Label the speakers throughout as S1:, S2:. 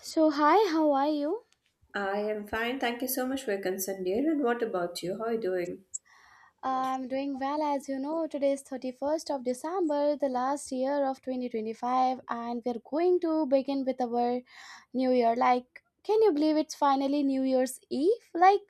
S1: So, hi, how are you?
S2: I am fine. Thank you so much for your concern, dear. And what about you? How are you doing?
S1: I'm doing well, as you know. Today is 31st of December, the last year of 2025, and we're going to begin with our new year. Can you believe it's finally New Year's Eve?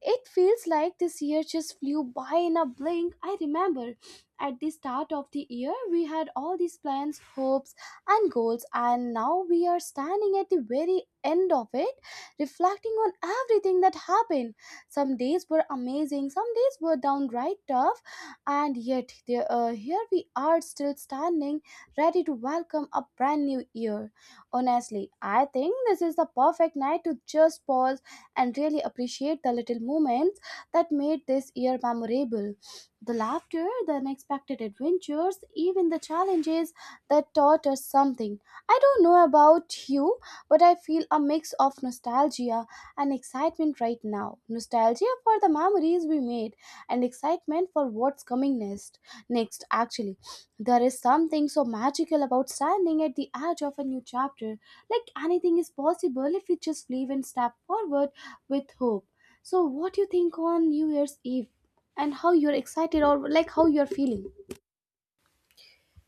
S1: It feels like this year just flew by in a blink. I remember at the start of the year, we had all these plans, hopes, and goals, and now we are standing at the very end of it, reflecting on everything that happened. Some days were amazing, some days were downright tough, and here we are still standing, ready to welcome a brand new year. Honestly, I think this is the perfect night to just pause and really appreciate the little moments that made this year memorable. The laughter, the unexpected adventures, even the challenges that taught us something. I don't know about you, but I feel a mix of nostalgia and excitement right now. Nostalgia for the memories we made and excitement for what's coming next. Next, actually, there is something so magical about standing at the edge of a new chapter. Like anything is possible if we just believe and step forward with hope. So, what do you think on New Year's Eve and how you're excited or like how you're feeling?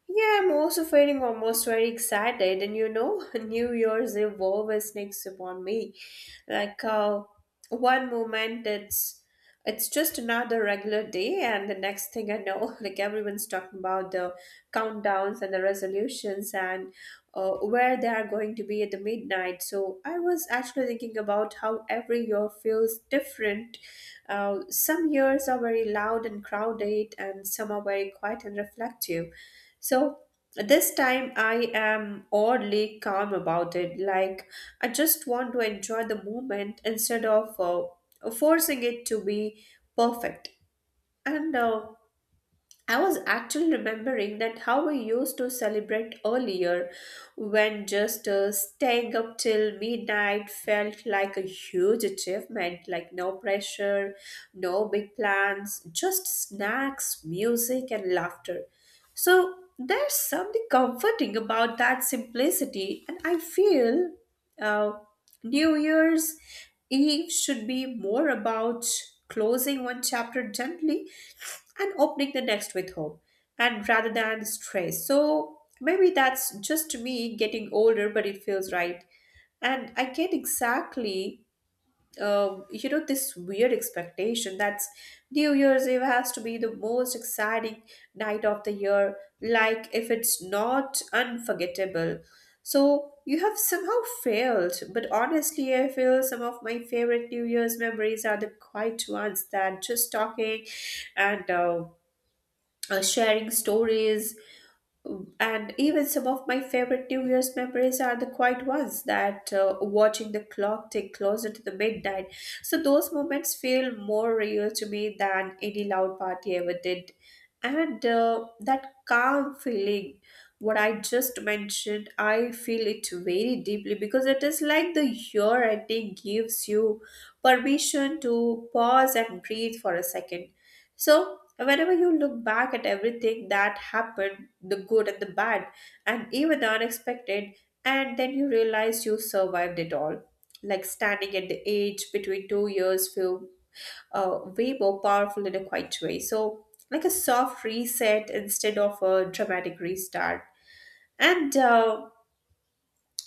S2: Yeah, I'm also feeling almost very excited, and you know, New Year's Eve always sneaks upon me. Like uh, One moment, it's just another regular day, and the next thing I know, like everyone's talking about the countdowns and the resolutions and where they are going to be at the midnight. So I was actually thinking about how every year feels different. Some years are very loud and crowded, and some are very quiet and reflective, so this time I am oddly calm about it. Like I just want to enjoy the moment instead of forcing it to be perfect. And I was actually remembering that how we used to celebrate earlier when just staying up till midnight felt like a huge achievement, like no pressure, no big plans, just snacks, music, and laughter. So there's something comforting about that simplicity, and I feel uh, New Year's Eve should be more about closing one chapter gently and opening the next with hope and rather than stress, so maybe that's just me getting older, but it feels right. And I get exactly you know, this weird expectation that's New Year's Eve has to be the most exciting night of the year, like if it's not unforgettable so you have somehow failed. But honestly I feel some of my favorite New Year's memories are the quiet ones, that just talking and sharing stories. And even some of my favorite New Year's memories are the quiet ones, that watching the clock tick closer to the midnight. So those moments feel more real to me than any loud party ever did. And That calm feeling, what I just mentioned, I feel it very deeply because it is like the year ending gives you permission to pause and breathe for a second, so whenever you look back at everything that happened, the good and the bad, and even the unexpected, and then you realize you survived it all. Like standing at the age between 2 years feel way more powerful in a quiet way. So, like a soft reset instead of a dramatic restart. And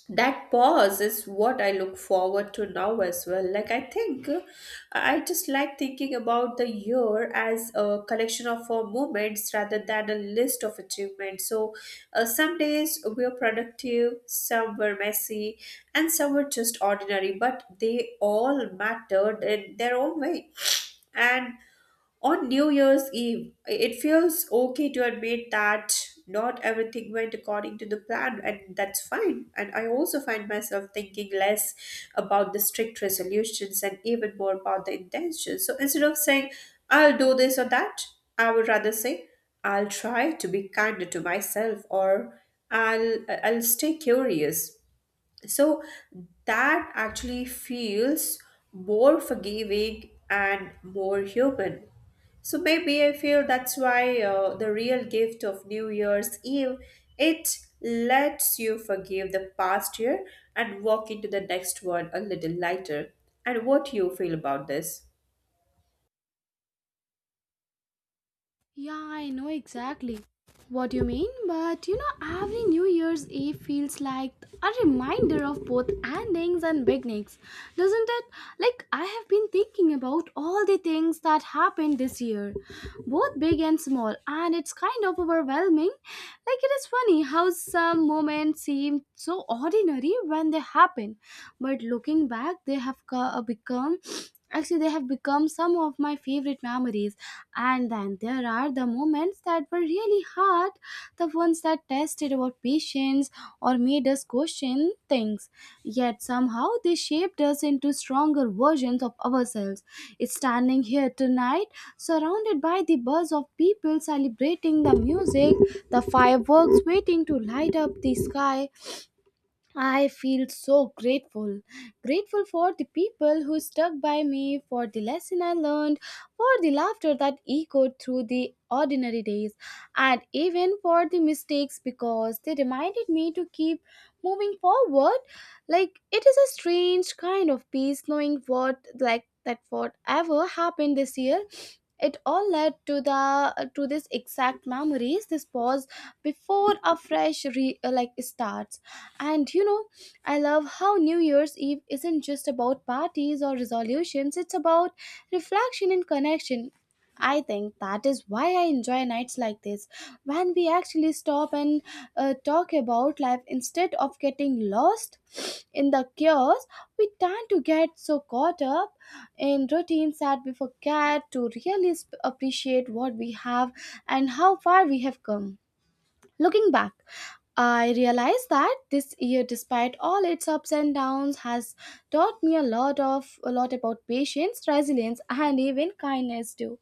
S2: That pause is what I look forward to now as well. Like, I think I just like thinking about the year as a collection of moments rather than a list of achievements. So, some days were productive, some were messy, and some were just ordinary, but they all mattered in their own way. And on New Year's Eve, it feels okay to admit that not everything went according to the plan, and that's fine. And I also find myself thinking less about the strict resolutions and even more about the intentions. So instead of saying, I'll do this or that, I would rather say, I'll try to be kinder to myself, or I'll stay curious, so that actually feels more forgiving and more human. So maybe I feel that's why the real gift of New Year's Eve, it lets you forgive the past year and walk into the next one a little lighter. And what do you feel about this?
S1: Yeah, I know exactly what you mean, but you know, every New Year's Eve feels like a reminder of both endings and beginnings, doesn't it? Like, I have been thinking about all the things that happened this year, both big and small, and it's kind of overwhelming. Like, it is funny how some moments seem so ordinary when they happen, but looking back, they have become some of my favorite memories. And then there are the moments that were really hard, the ones that tested our patience or made us question things, yet somehow they shaped us into stronger versions of ourselves. Standing here tonight, surrounded by the buzz of people celebrating, the music, the fireworks waiting to light up the sky, I feel so grateful. Grateful for the people who stuck by me, for the lesson I learned, for the laughter that echoed through the ordinary days, and even for the mistakes because they reminded me to keep moving forward. Like, it is a strange kind of peace knowing what, like, that whatever happened this year, it all led to the to this exact memories, this pause before like starts. And you know, I love how New Year's Eve isn't just about parties or resolutions, it's about reflection and connection. I think that is why I enjoy nights like this, when we actually stop and talk about life instead of getting lost in the chaos. We tend to get so caught up in routines that we forget to really appreciate what we have and how far we have come. Looking back, I realized that this year, despite all its ups and downs, has taught me a lot about patience, resilience, and even kindness too.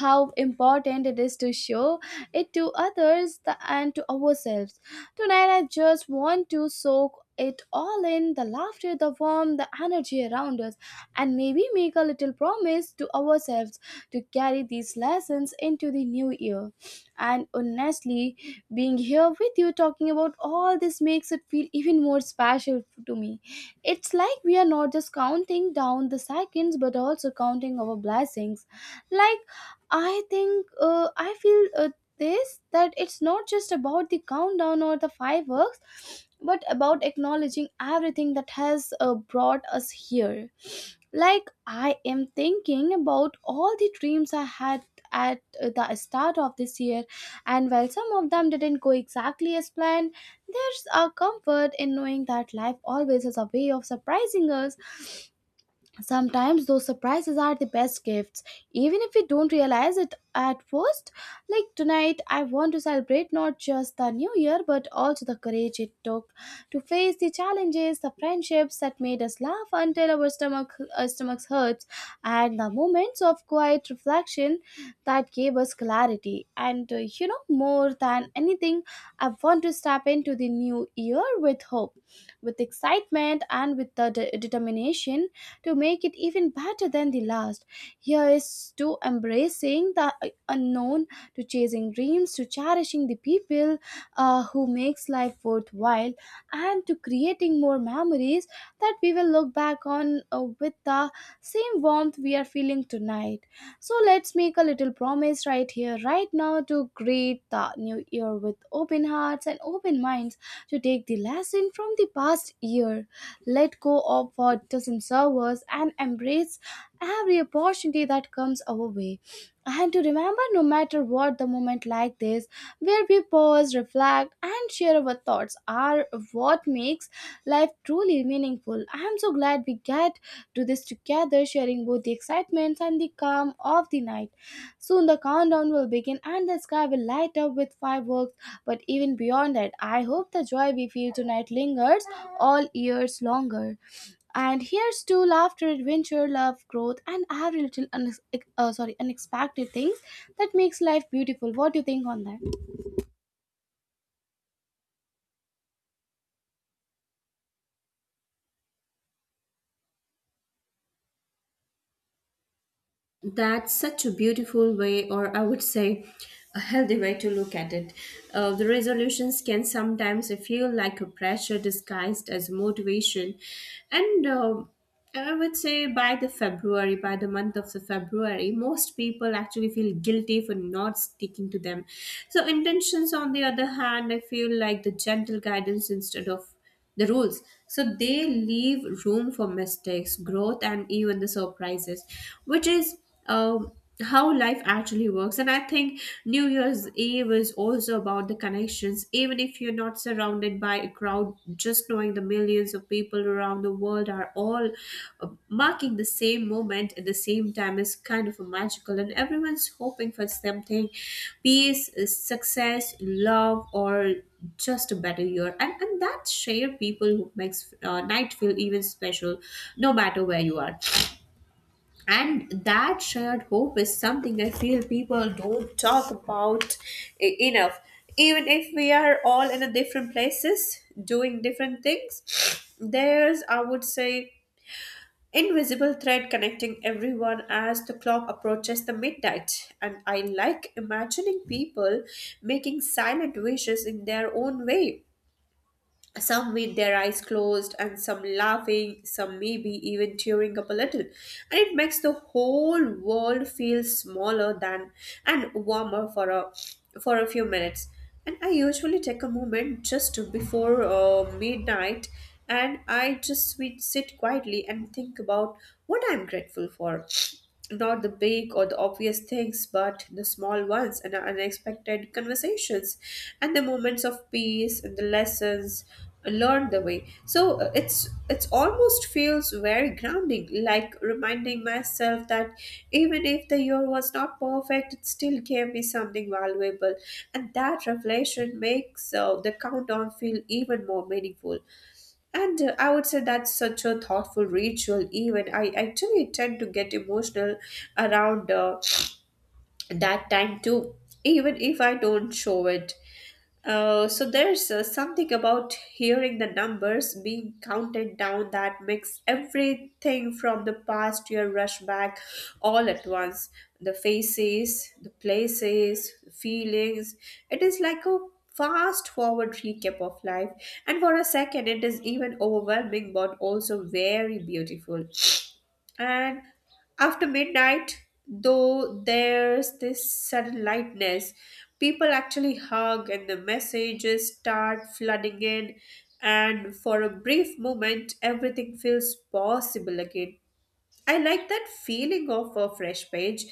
S1: How important it is to show it to others and to ourselves. Tonight, I just want to soak it all in, the laughter, the warmth, the energy around us, and maybe make a little promise to ourselves to carry these lessons into the new year. And honestly, being here with you talking about all this makes it feel even more special to me. It's like we are not just counting down the seconds but also counting our blessings. Like, I think, I feel this that it's not just about the countdown or the fireworks but about acknowledging everything that has brought us here. Like, I am thinking about all the dreams I had at the start of this year, and while some of them didn't go exactly as planned, there's a comfort in knowing that life always has a way of surprising us. Sometimes those surprises are the best gifts, even if we don't realize it at first. Like tonight, I want to celebrate not just the new year but also the courage it took to face the challenges, the friendships that made us laugh until our stomachs hurts, and the moments of quiet reflection that gave us clarity. And you know, more than anything, I want to step into the new year with hope, with excitement, and with the determination to make it even better than the last. Here is to embracing the unknown, to chasing dreams, to cherishing the people who makes life worthwhile, and to creating more memories that we will look back on with the same warmth we are feeling tonight. So let's make a little promise right here, right now, to greet the new year with open hearts and open minds, to take the lesson from the past year, let go of what doesn't serve us, and embrace every opportunity that comes our way. And to remember, no matter what, the moment like this, where we pause, reflect, and share our thoughts are what makes life truly meaningful. I am so glad we get to this together, sharing both the excitement and the calm of the night. Soon the countdown will begin and the sky will light up with fireworks. But even beyond that, I hope the joy we feel tonight lingers all years longer. And here's to laughter, adventure, love, growth, and every little unex- sorry unexpected things that makes life beautiful. What do you think on that?
S2: That's such a beautiful way, or I would say a healthy way to look at it. The resolutions can sometimes feel like a pressure disguised as motivation. And I would say by the February, by the month of the February, most people actually feel guilty for not sticking to them. So, intentions, on the other hand, I feel like the gentle guidance instead of the rules, so they leave room for mistakes, growth, and even the surprises, which is um, how life actually works. And I think New Year's Eve is also about the connections, even if you're not surrounded by a crowd. Just knowing the millions of people around the world are all marking the same moment at the same time is kind of a magical, and everyone's hoping for something: peace, success, love, or just a better year. And that share people who makes night feel even special, no matter where you are. And that shared hope is something I feel people don't talk about enough. Even if we are all in a different places doing different things, there's, I would say, invisible thread connecting everyone as the clock approaches the midnight. And I like imagining people making silent wishes in their own way, some with their eyes closed, and some laughing, some maybe even tearing up a little. And it makes the whole world feel smaller than, and warmer for a few minutes. And I usually take a moment just before midnight, and I just sit quietly and think about what I'm grateful for, not the big or the obvious things, but the small ones and the unexpected conversations and the moments of peace and the lessons learned the way. So it's almost feels very grounding, like reminding myself that even if the year was not perfect, it still gave me something valuable, and that reflection makes the countdown feel even more meaningful. And I would say that's such a thoughtful ritual, even. I actually tend to get emotional around that time too, even if I don't show it. So there's something about hearing the numbers being counted down that makes everything from the past year rush back all at once. The faces, the places, the feelings. It is like a fast forward recap of life. And for a second, it is even overwhelming but also very beautiful. And after midnight, though there's this sudden lightness, people actually hug and the messages start flooding in, and for a brief moment, everything feels possible again. I like that feeling of a fresh page,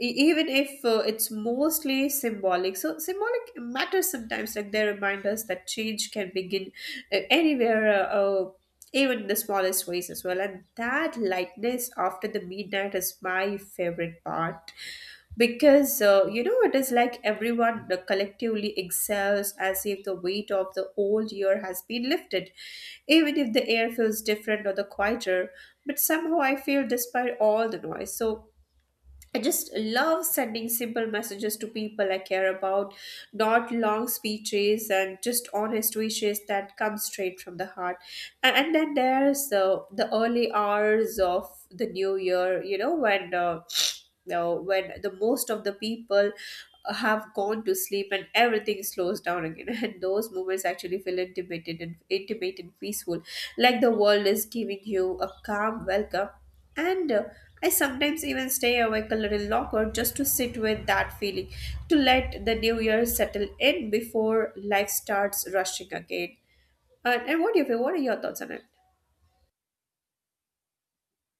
S2: even if it's mostly symbolic. So, symbolic matters sometimes, like they remind us that change can begin anywhere, even the smallest ways as well. And that lightness after the midnight is my favorite part because you know, it is like everyone collectively exhales as if the weight of the old year has been lifted, even if the air feels different or the quieter, but somehow I feel despite all the noise. So I just love sending simple messages to people I care about, not long speeches and just honest wishes that come straight from the heart. And then there's the early hours of the new year, you know, when when the most of the people have gone to sleep and everything slows down again. And those moments actually feel intimate and peaceful, like the world is giving you a calm welcome. And I sometimes even stay awake a little longer just to sit with that feeling, to let the new year settle in before life starts rushing again. And what do you feel? What are your thoughts on it?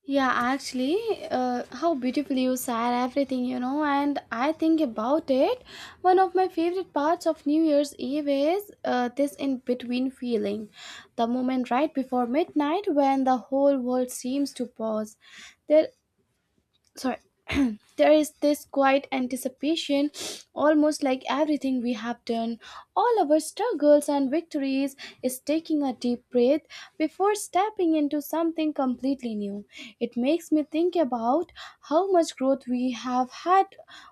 S1: Yeah, actually, how beautifully you said everything, you know. And I think about it, one of my favorite parts of New Year's Eve is this in between feeling, the moment right before midnight when the whole world seems to pause. There sorry There is this quiet anticipation, almost like everything we have done, all our struggles and victories, is taking a deep breath before stepping into something completely new. It makes me think about how much growth we have had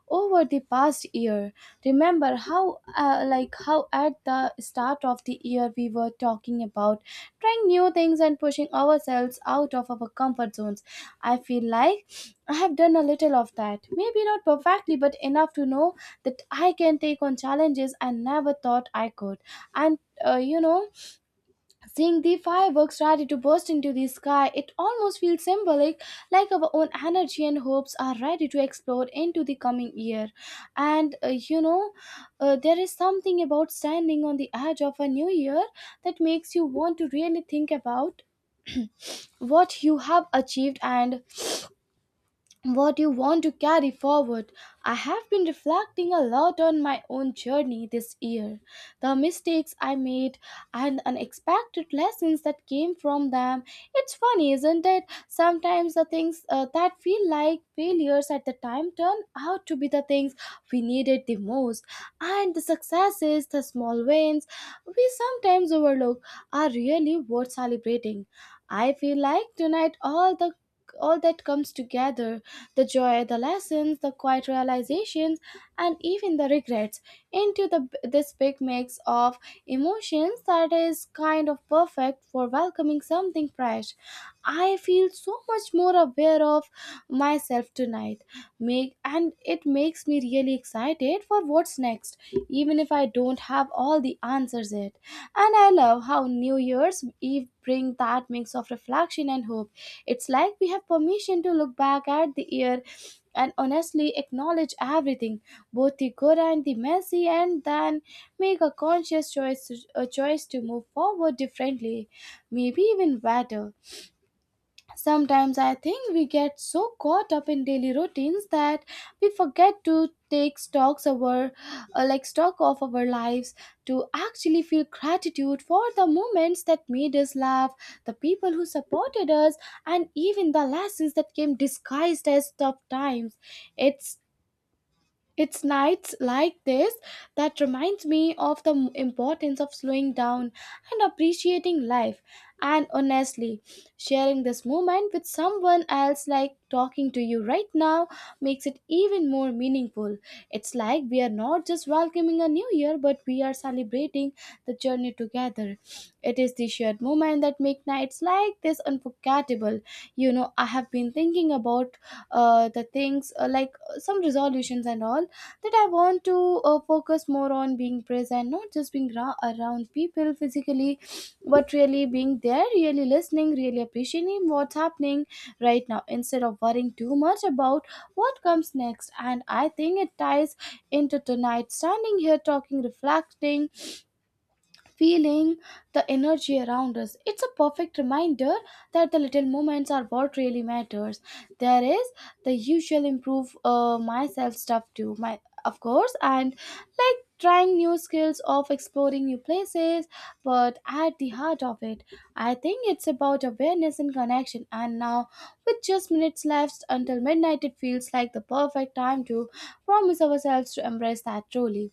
S1: over the past year. Remember how how at the start of the year we were talking about trying new things and pushing ourselves out of our comfort zones. I feel like I have done a little of that, maybe not perfectly, but enough to know that I can take on challenges I never thought I could. And you know, seeing the fireworks ready to burst into the sky, it almost feels symbolic, like our own energy and hopes are ready to explode into the coming year. And there is something about standing on the edge of a new year that makes you want to really think about what you have achieved and what you want to carry forward. I have been reflecting a lot on my own journey this year, the mistakes I made, and unexpected lessons that came from them. It's funny, isn't it? Sometimes the things that feel like failures at the time turn out to be the things we needed the most, and the successes, the small wins we sometimes overlook, are really worth celebrating. I feel like tonight all that comes together, the joy, the lessons, the quiet realizations, and even the regrets, into the this big mix of emotions that is kind of perfect for welcoming something fresh. I feel so much more aware of myself tonight, make and it makes me really excited for what's next, even if I don't have all the answers yet. And I love how New Year's Eve bring that mix of reflection and hope. It's like we have permission to look back at the year and honestly acknowledge everything, both the good and the messy, and then make a choice to move forward differently, maybe even better. Sometimes I think we get so caught up in daily routines that we forget to take stocks over like stock of our lives, to actually feel gratitude for the moments that made us laugh, the people who supported us, and even the lessons that came disguised as tough times. It's it's nights like this that reminds me of the importance of slowing down and appreciating life. And honestly, sharing this moment with someone else, like talking to you right now, makes it even more meaningful. It's like we are not just welcoming a new year but we are celebrating the journey together. It is the shared moment that make nights like this unforgettable. You know, I have been thinking about the things like some resolutions and all that I want to focus more on being present, not just being around people physically, but really being there, really listening, really appreciating what's happening right now instead of worrying too much about what comes next. And I think it ties into tonight standing here, talking, reflecting, feeling the energy around us. It's a perfect reminder that the little moments are what really matters. There is the usual improve myself stuff too, my, of course, and like trying new skills of exploring new places. But at the heart of it, I think it's about awareness and connection. And now, with just minutes left until midnight, it feels like the perfect time to promise ourselves to embrace that truly.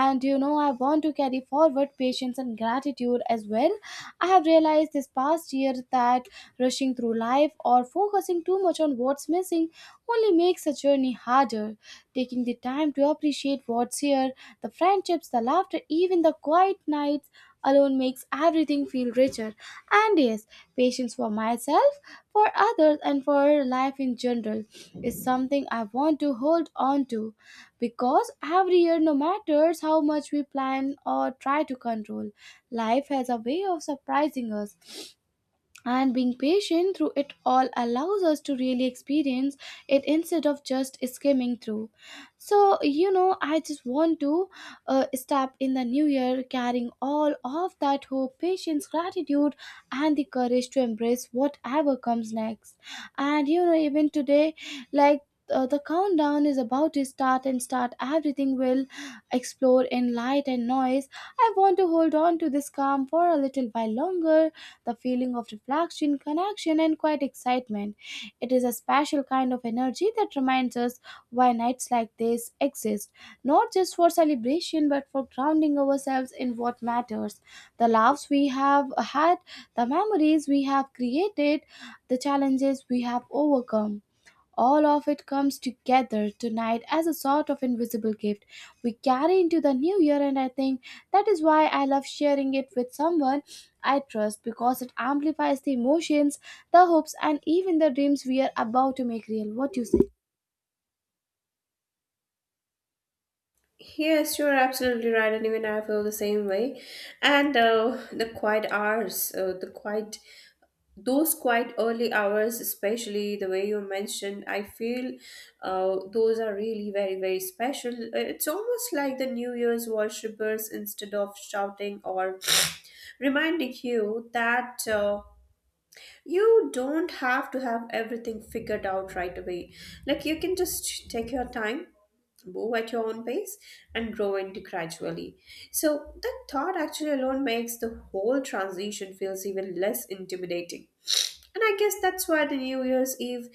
S1: And you know, I want to carry forward patience and gratitude as well. I have realized this past year that rushing through life or focusing too much on what's missing only makes a journey harder. Taking the time to appreciate what's here, the friendships, the laughter, even the quiet nights alone, makes everything feel richer. And yes, patience for myself, for others, and for life in general is something I want to hold on to, because every year, no matters how much we plan or try to control, life has a way of surprising us, and being patient through it all allows us to really experience it instead of just skimming through. So you know, I just want to step in the new year carrying all of that hope, patience, gratitude, and the courage to embrace whatever comes next. And you know, even today, like, the countdown is about to start, and start everything will explode in light and noise. I want to hold on to this calm for a little while longer, the feeling of reflection, connection, and quiet excitement. It is a special kind of energy that reminds us why nights like this exist, not just for celebration but for grounding ourselves in what matters. The laughs we have had, the memories we have created, the challenges we have overcome. All of it comes together tonight as a sort of invisible gift we carry into the new year, and I think that is why I love sharing it with someone I trust, because it amplifies the emotions, the hopes, and even the dreams we are about to make real. What do you say?
S2: Yes, you're absolutely right, and even I feel the same way. And The quiet hours, the quiet those quite early hours, especially the way you mentioned, I feel those are really very very special. It's almost like the new year's worshippers, instead of shouting or reminding you that you don't have to have everything figured out right away, like you can just take your time, move at your own pace, and grow into gradually. So that thought actually alone makes the whole transition feels even less intimidating. And I guess that's why the New Year's Eve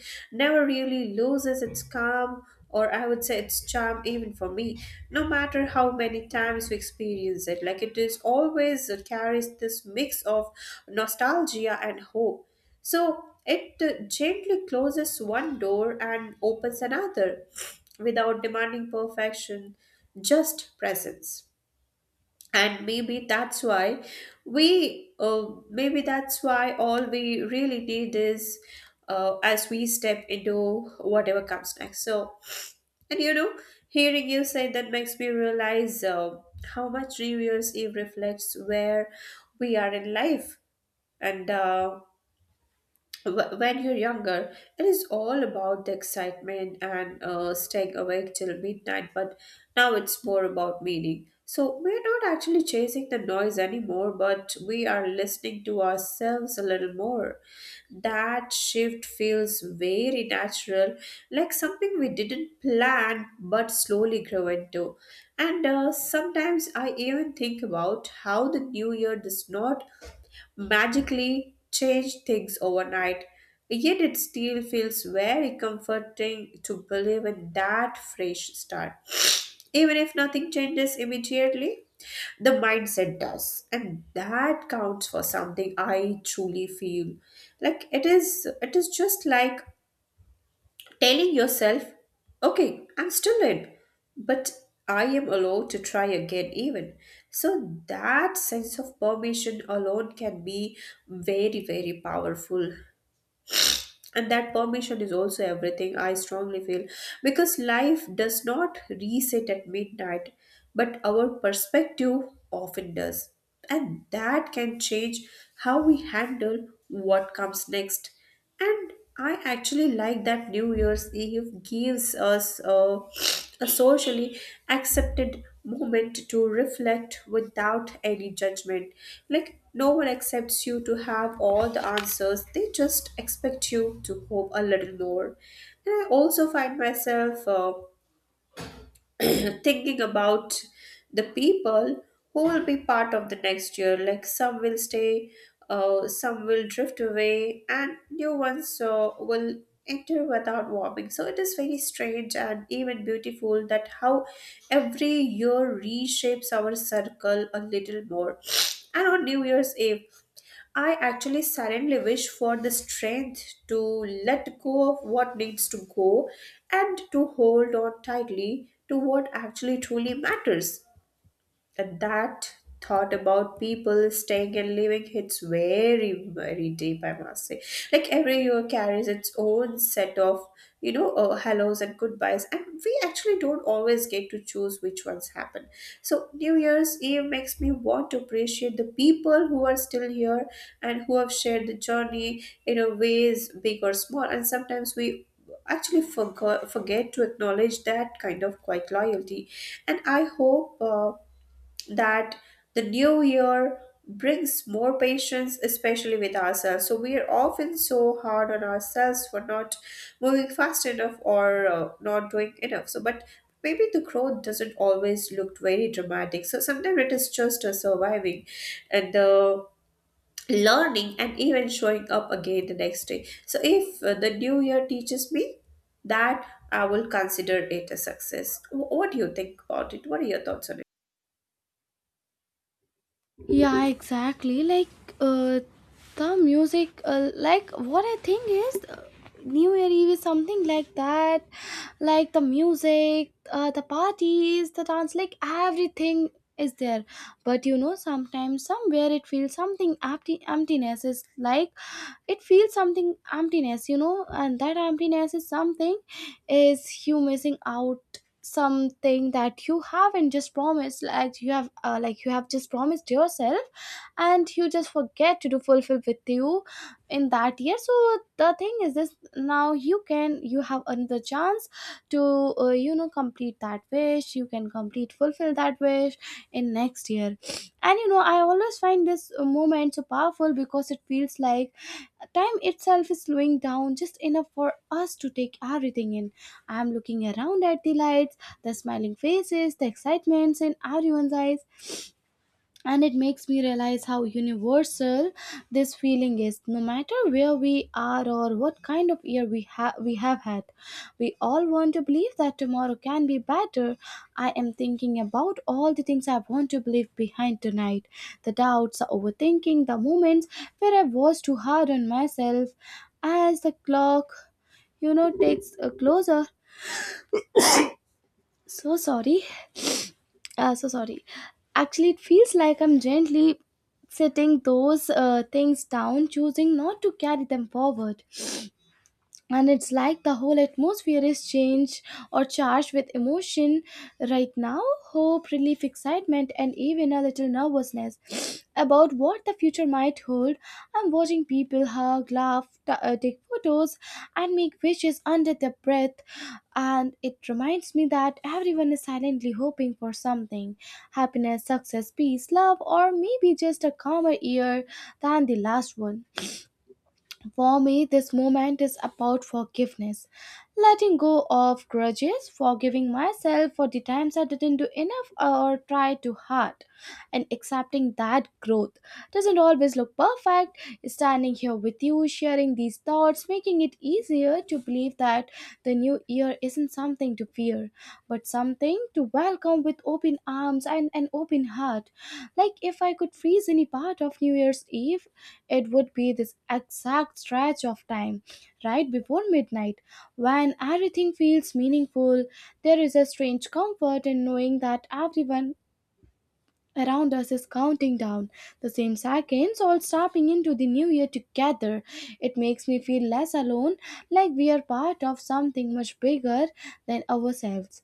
S2: never really loses its calm, or I would say its charm, even for me, no matter how many times we experience it. Like it is always, it carries this mix of nostalgia and hope. So it gently closes one door and opens another, without demanding perfection, just presence. And maybe that's why maybe that's why all we really need is as we step into whatever comes next. So, and you know, hearing you say that makes me realize how much reverse Eve reflects where we are in life. And uh, when you're younger, it is all about the excitement and staying awake till midnight, but now it's more about meaning. So we're not actually chasing the noise anymore, but we are listening to ourselves a little more. That shift feels very natural, like something we didn't plan but slowly grow into. And Sometimes I even think about how the new year does not magically change things overnight. Yet it still feels very comforting to believe in that fresh start. Even if nothing changes immediately, the mindset does. And that counts for something, I truly feel. Like it is just like telling yourself, okay, I'm still in, but I am allowed to try again, even. So, that sense of permission alone can be very, very powerful. And that permission is also everything, I strongly feel, because life does not reset at midnight, but our perspective often does. And that can change how we handle what comes next. And I actually like that New Year's Eve gives us a socially accepted moment to reflect without any judgment. Like, no one accepts you to have all the answers, they just expect you to hope a little more. And I also find myself. Thinking about the people who will be part of the next year. Like some will stay, some will drift away, and new ones will enter without warming. So it is very strange and even beautiful that how every year reshapes our circle a little more. And on New Year's Eve, I actually silently wish for the strength to let go of what needs to go and to hold on tightly to what actually truly matters. And that thought about people staying and living hits very, very deep, I must say. Like every year carries its own set of, hellos and goodbyes, and we actually don't always get to choose which ones happen. So, New Year's Eve makes me want to appreciate the people who are still here and who have shared the journey in a ways big or small, and sometimes we actually forgot forget to acknowledge that kind of quiet loyalty, and I hope that the new year brings more patience, especially with ourselves. So we are often so hard on ourselves for not moving fast enough or not doing enough. So, but maybe the growth doesn't always look very dramatic. So sometimes it is just a surviving and the learning and even showing up again the next day. So if the new year teaches me that, I will consider it a success. What do you think about it? What are your thoughts on it?
S1: Yeah, exactly. Like, uh, the music, like what I think is, New Year Eve is something like that. Like the music, the parties, the dance, like everything is there. But you know, sometimes somewhere it feels something empty, emptiness is like it feels something emptiness, you know, and that emptiness is something is you missing out something that you haven't just promised. Like you have like you have just promised yourself, and you just forget to do fulfill with you in that year. So the thing is this, now you can, you have another chance to, you know, complete that wish, you can complete fulfill that wish in next year. And you know, I always find this moment so powerful because it feels like time itself is slowing down just enough for us to take everything in. I'm looking around at the lights, the smiling faces, the excitements in everyone's eyes, and it makes me realize how universal this feeling is. No matter where we are or what kind of year we have, we have had, we all want to believe that tomorrow can be better. I am thinking about all the things I want to believe behind tonight, the doubts, the overthinking, the moments where I was too hard on myself. As the clock, you know, takes a closer, so sorry, so sorry, actually it feels like I'm gently setting those things down, choosing not to carry them forward, and it's like the whole atmosphere is changed or charged with emotion right now. Hope, relief, excitement, and even a little nervousness about what the future might hold. I'm watching people hug, laugh, take photos and make wishes under their breath, and it reminds me that everyone is silently hoping for something, happiness, success, peace, love, or maybe just a calmer year than the last one. For me, this moment is about forgiveness, letting go of grudges, forgiving myself for the times I didn't do enough or try too hard, and accepting that growth doesn't always look perfect. Standing here with you, sharing these thoughts, making it easier to believe that the new year isn't something to fear, but something to welcome with open arms and an open heart. Like if I could freeze any part of New Year's Eve, it would be this exact stretch of time, right before midnight, when everything feels meaningful. There is a strange comfort in knowing that everyone around us is counting down the same seconds, all stepping into the new year together. It makes me feel less alone, like we are part of something much bigger than ourselves.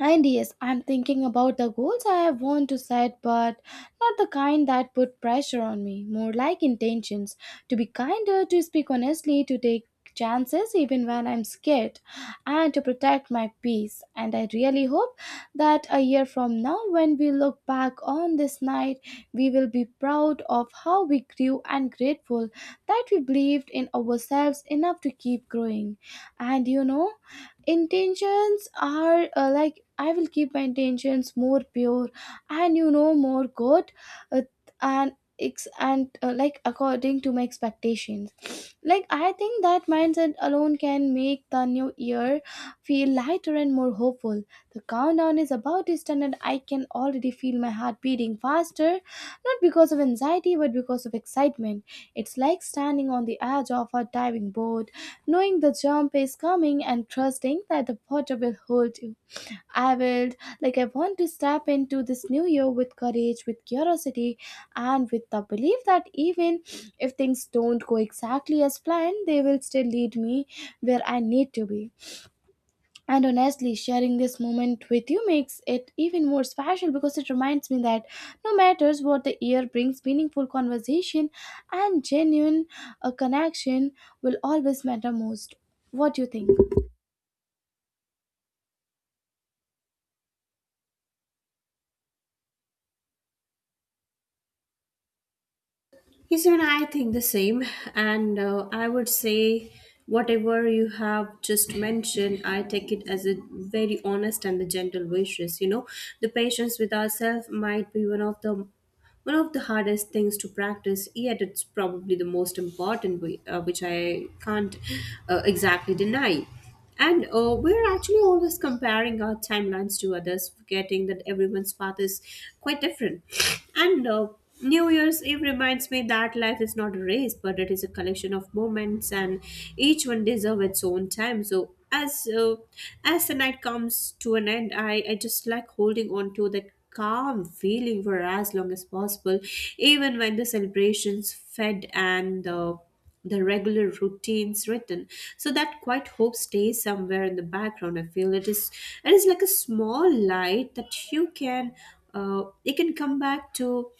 S1: And yes, I'm thinking about the goals I have want to set, but not the kind that put pressure on me, more like intentions to be kinder, to speak honestly, to take chances even when I'm scared, and to protect my peace. And I really hope that a year from now, when we look back on this night, we will be proud of how we grew and grateful that we believed in ourselves enough to keep growing. And you know, intentions are, like I will keep my intentions more pure and you know more good, uh, and and like according to my expectations, like I think that mindset alone can make the new year feel lighter and more hopeful. The countdown is about to start, and I can already feel my heart beating faster, not because of anxiety but because of excitement. It's like standing on the edge of a diving board, knowing the jump is coming and trusting that the water will hold you. I will, like, I want to step into this new year with courage, with curiosity, and with the belief that even if things don't go exactly as planned, they will still lead me where I need to be. And honestly, sharing this moment with you makes it even more special because it reminds me that no matter what the year brings, meaningful conversation and genuine connection will always matter most. What do you think?
S2: Yes, and I think the same. And I would say, whatever you have just mentioned, I take it as a very honest and the gentle wishes. You know, the patience with ourselves might be one of the hardest things to practice. Yet it's probably the most important, way, which I can't exactly deny. And we're actually always comparing our timelines to others, forgetting that everyone's path is quite different. And New Year's Eve reminds me that life is not a race, but it is a collection of moments, and each one deserves its own time. So as the night comes to an end, I just like holding on to that calm feeling for as long as possible, even when the celebrations fed and the regular routines written, so that quiet hope stays somewhere in the background. I feel it is like a small light that you can come back to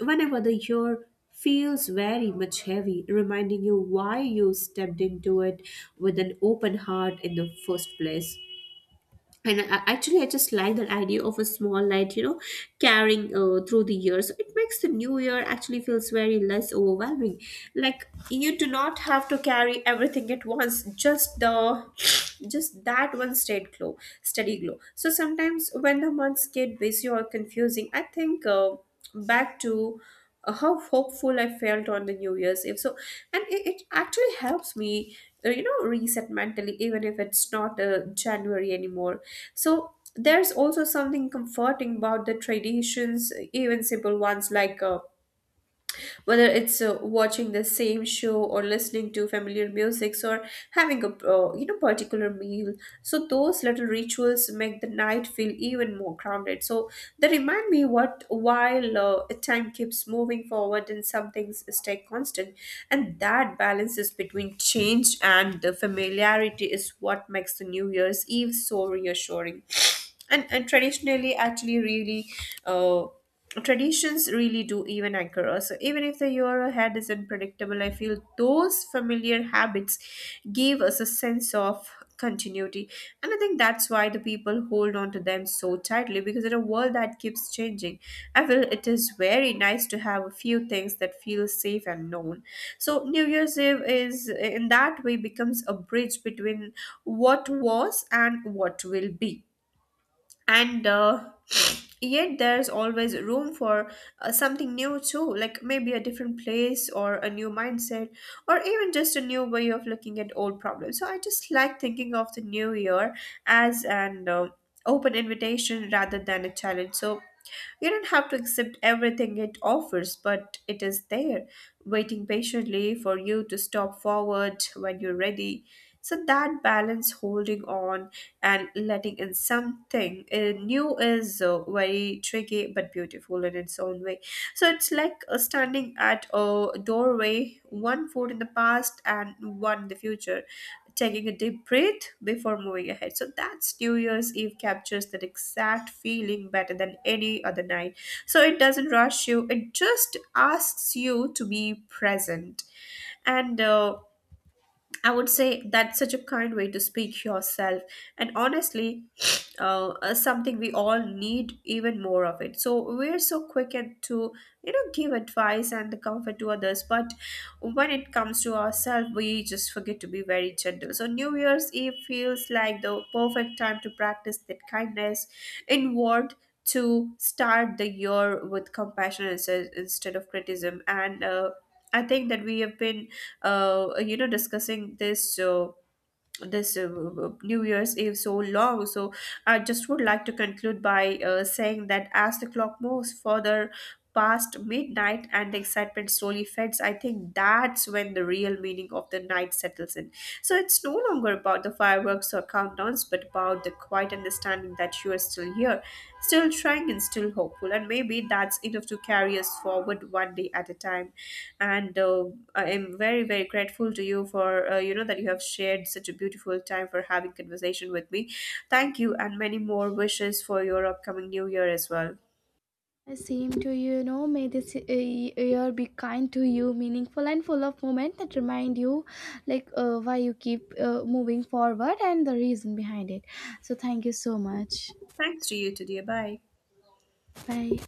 S2: whenever the year feels very much heavy, reminding you why you stepped into it with an open heart in the first place. And I just like that idea of a small light, you know, carrying through the year. So it makes the new year actually feels very less overwhelming, like you do not have to carry everything at once, just the just that one steady glow. So sometimes when the months get busy or confusing, I think back to how hopeful I felt on the New Year's Eve. So, and it actually helps me, reset mentally, even if it's not January anymore. So, there's also something comforting about the traditions, even simple ones like whether it's watching the same show or listening to familiar music or having a particular meal. So those little rituals make the night feel even more grounded. So they remind me what while time keeps moving forward and some things stay constant, and that balance is between change and the familiarity is what makes the new year's eve so reassuring. And traditionally actually really uh, traditions really do even anchor us. So even if the year ahead is unpredictable, I feel those familiar habits give us a sense of continuity. And I think that's why the people hold on to them so tightly, because in a world that keeps changing, I feel it is very nice to have a few things that feel safe and known. So New Year's Eve is in that way becomes a bridge between what was and what will be, and yet there's always room for something new too, like maybe a different place or a new mindset or even just a new way of looking at old problems. So I just like thinking of the new year as an open invitation rather than a challenge. So you don't have to accept everything it offers, but it is there waiting patiently for you to stop forward when you're ready. So that balance holding on and letting in something new is very tricky but beautiful in its own way. So it's like standing at a doorway, one foot in the past and one in the future, taking a deep breath before moving ahead. So that's New Year's Eve captures that exact feeling better than any other night. So it doesn't rush you, it just asks you to be present. And I would say that's such a kind way to speak yourself, and honestly, something we all need even more of it. So we're so quick and to, you know, give advice and the comfort to others, but when it comes to ourselves, we just forget to be very gentle. So New Year's Eve feels like the perfect time to practice that kindness inward. To start the year with compassion instead of criticism, and I think that we have been, discussing this New Year's Eve so long, so I just would like to conclude by saying that as the clock moves further past midnight and the excitement slowly fades, I think that's when the real meaning of the night settles in. So it's no longer about the fireworks or countdowns, but about the quiet understanding that you are still here, still trying, and still hopeful. And maybe that's enough to carry us forward one day at a time. And I am very, very grateful to you for, that you have shared such a beautiful time for having conversation with me. Thank you, and many more wishes for your upcoming new year as well.
S1: Same to you, you know. May this year be kind to you, meaningful and full of moments that remind you, like, why you keep moving forward and the reason behind it. So thank you so much.
S2: Thanks to you today. Bye.
S1: Bye.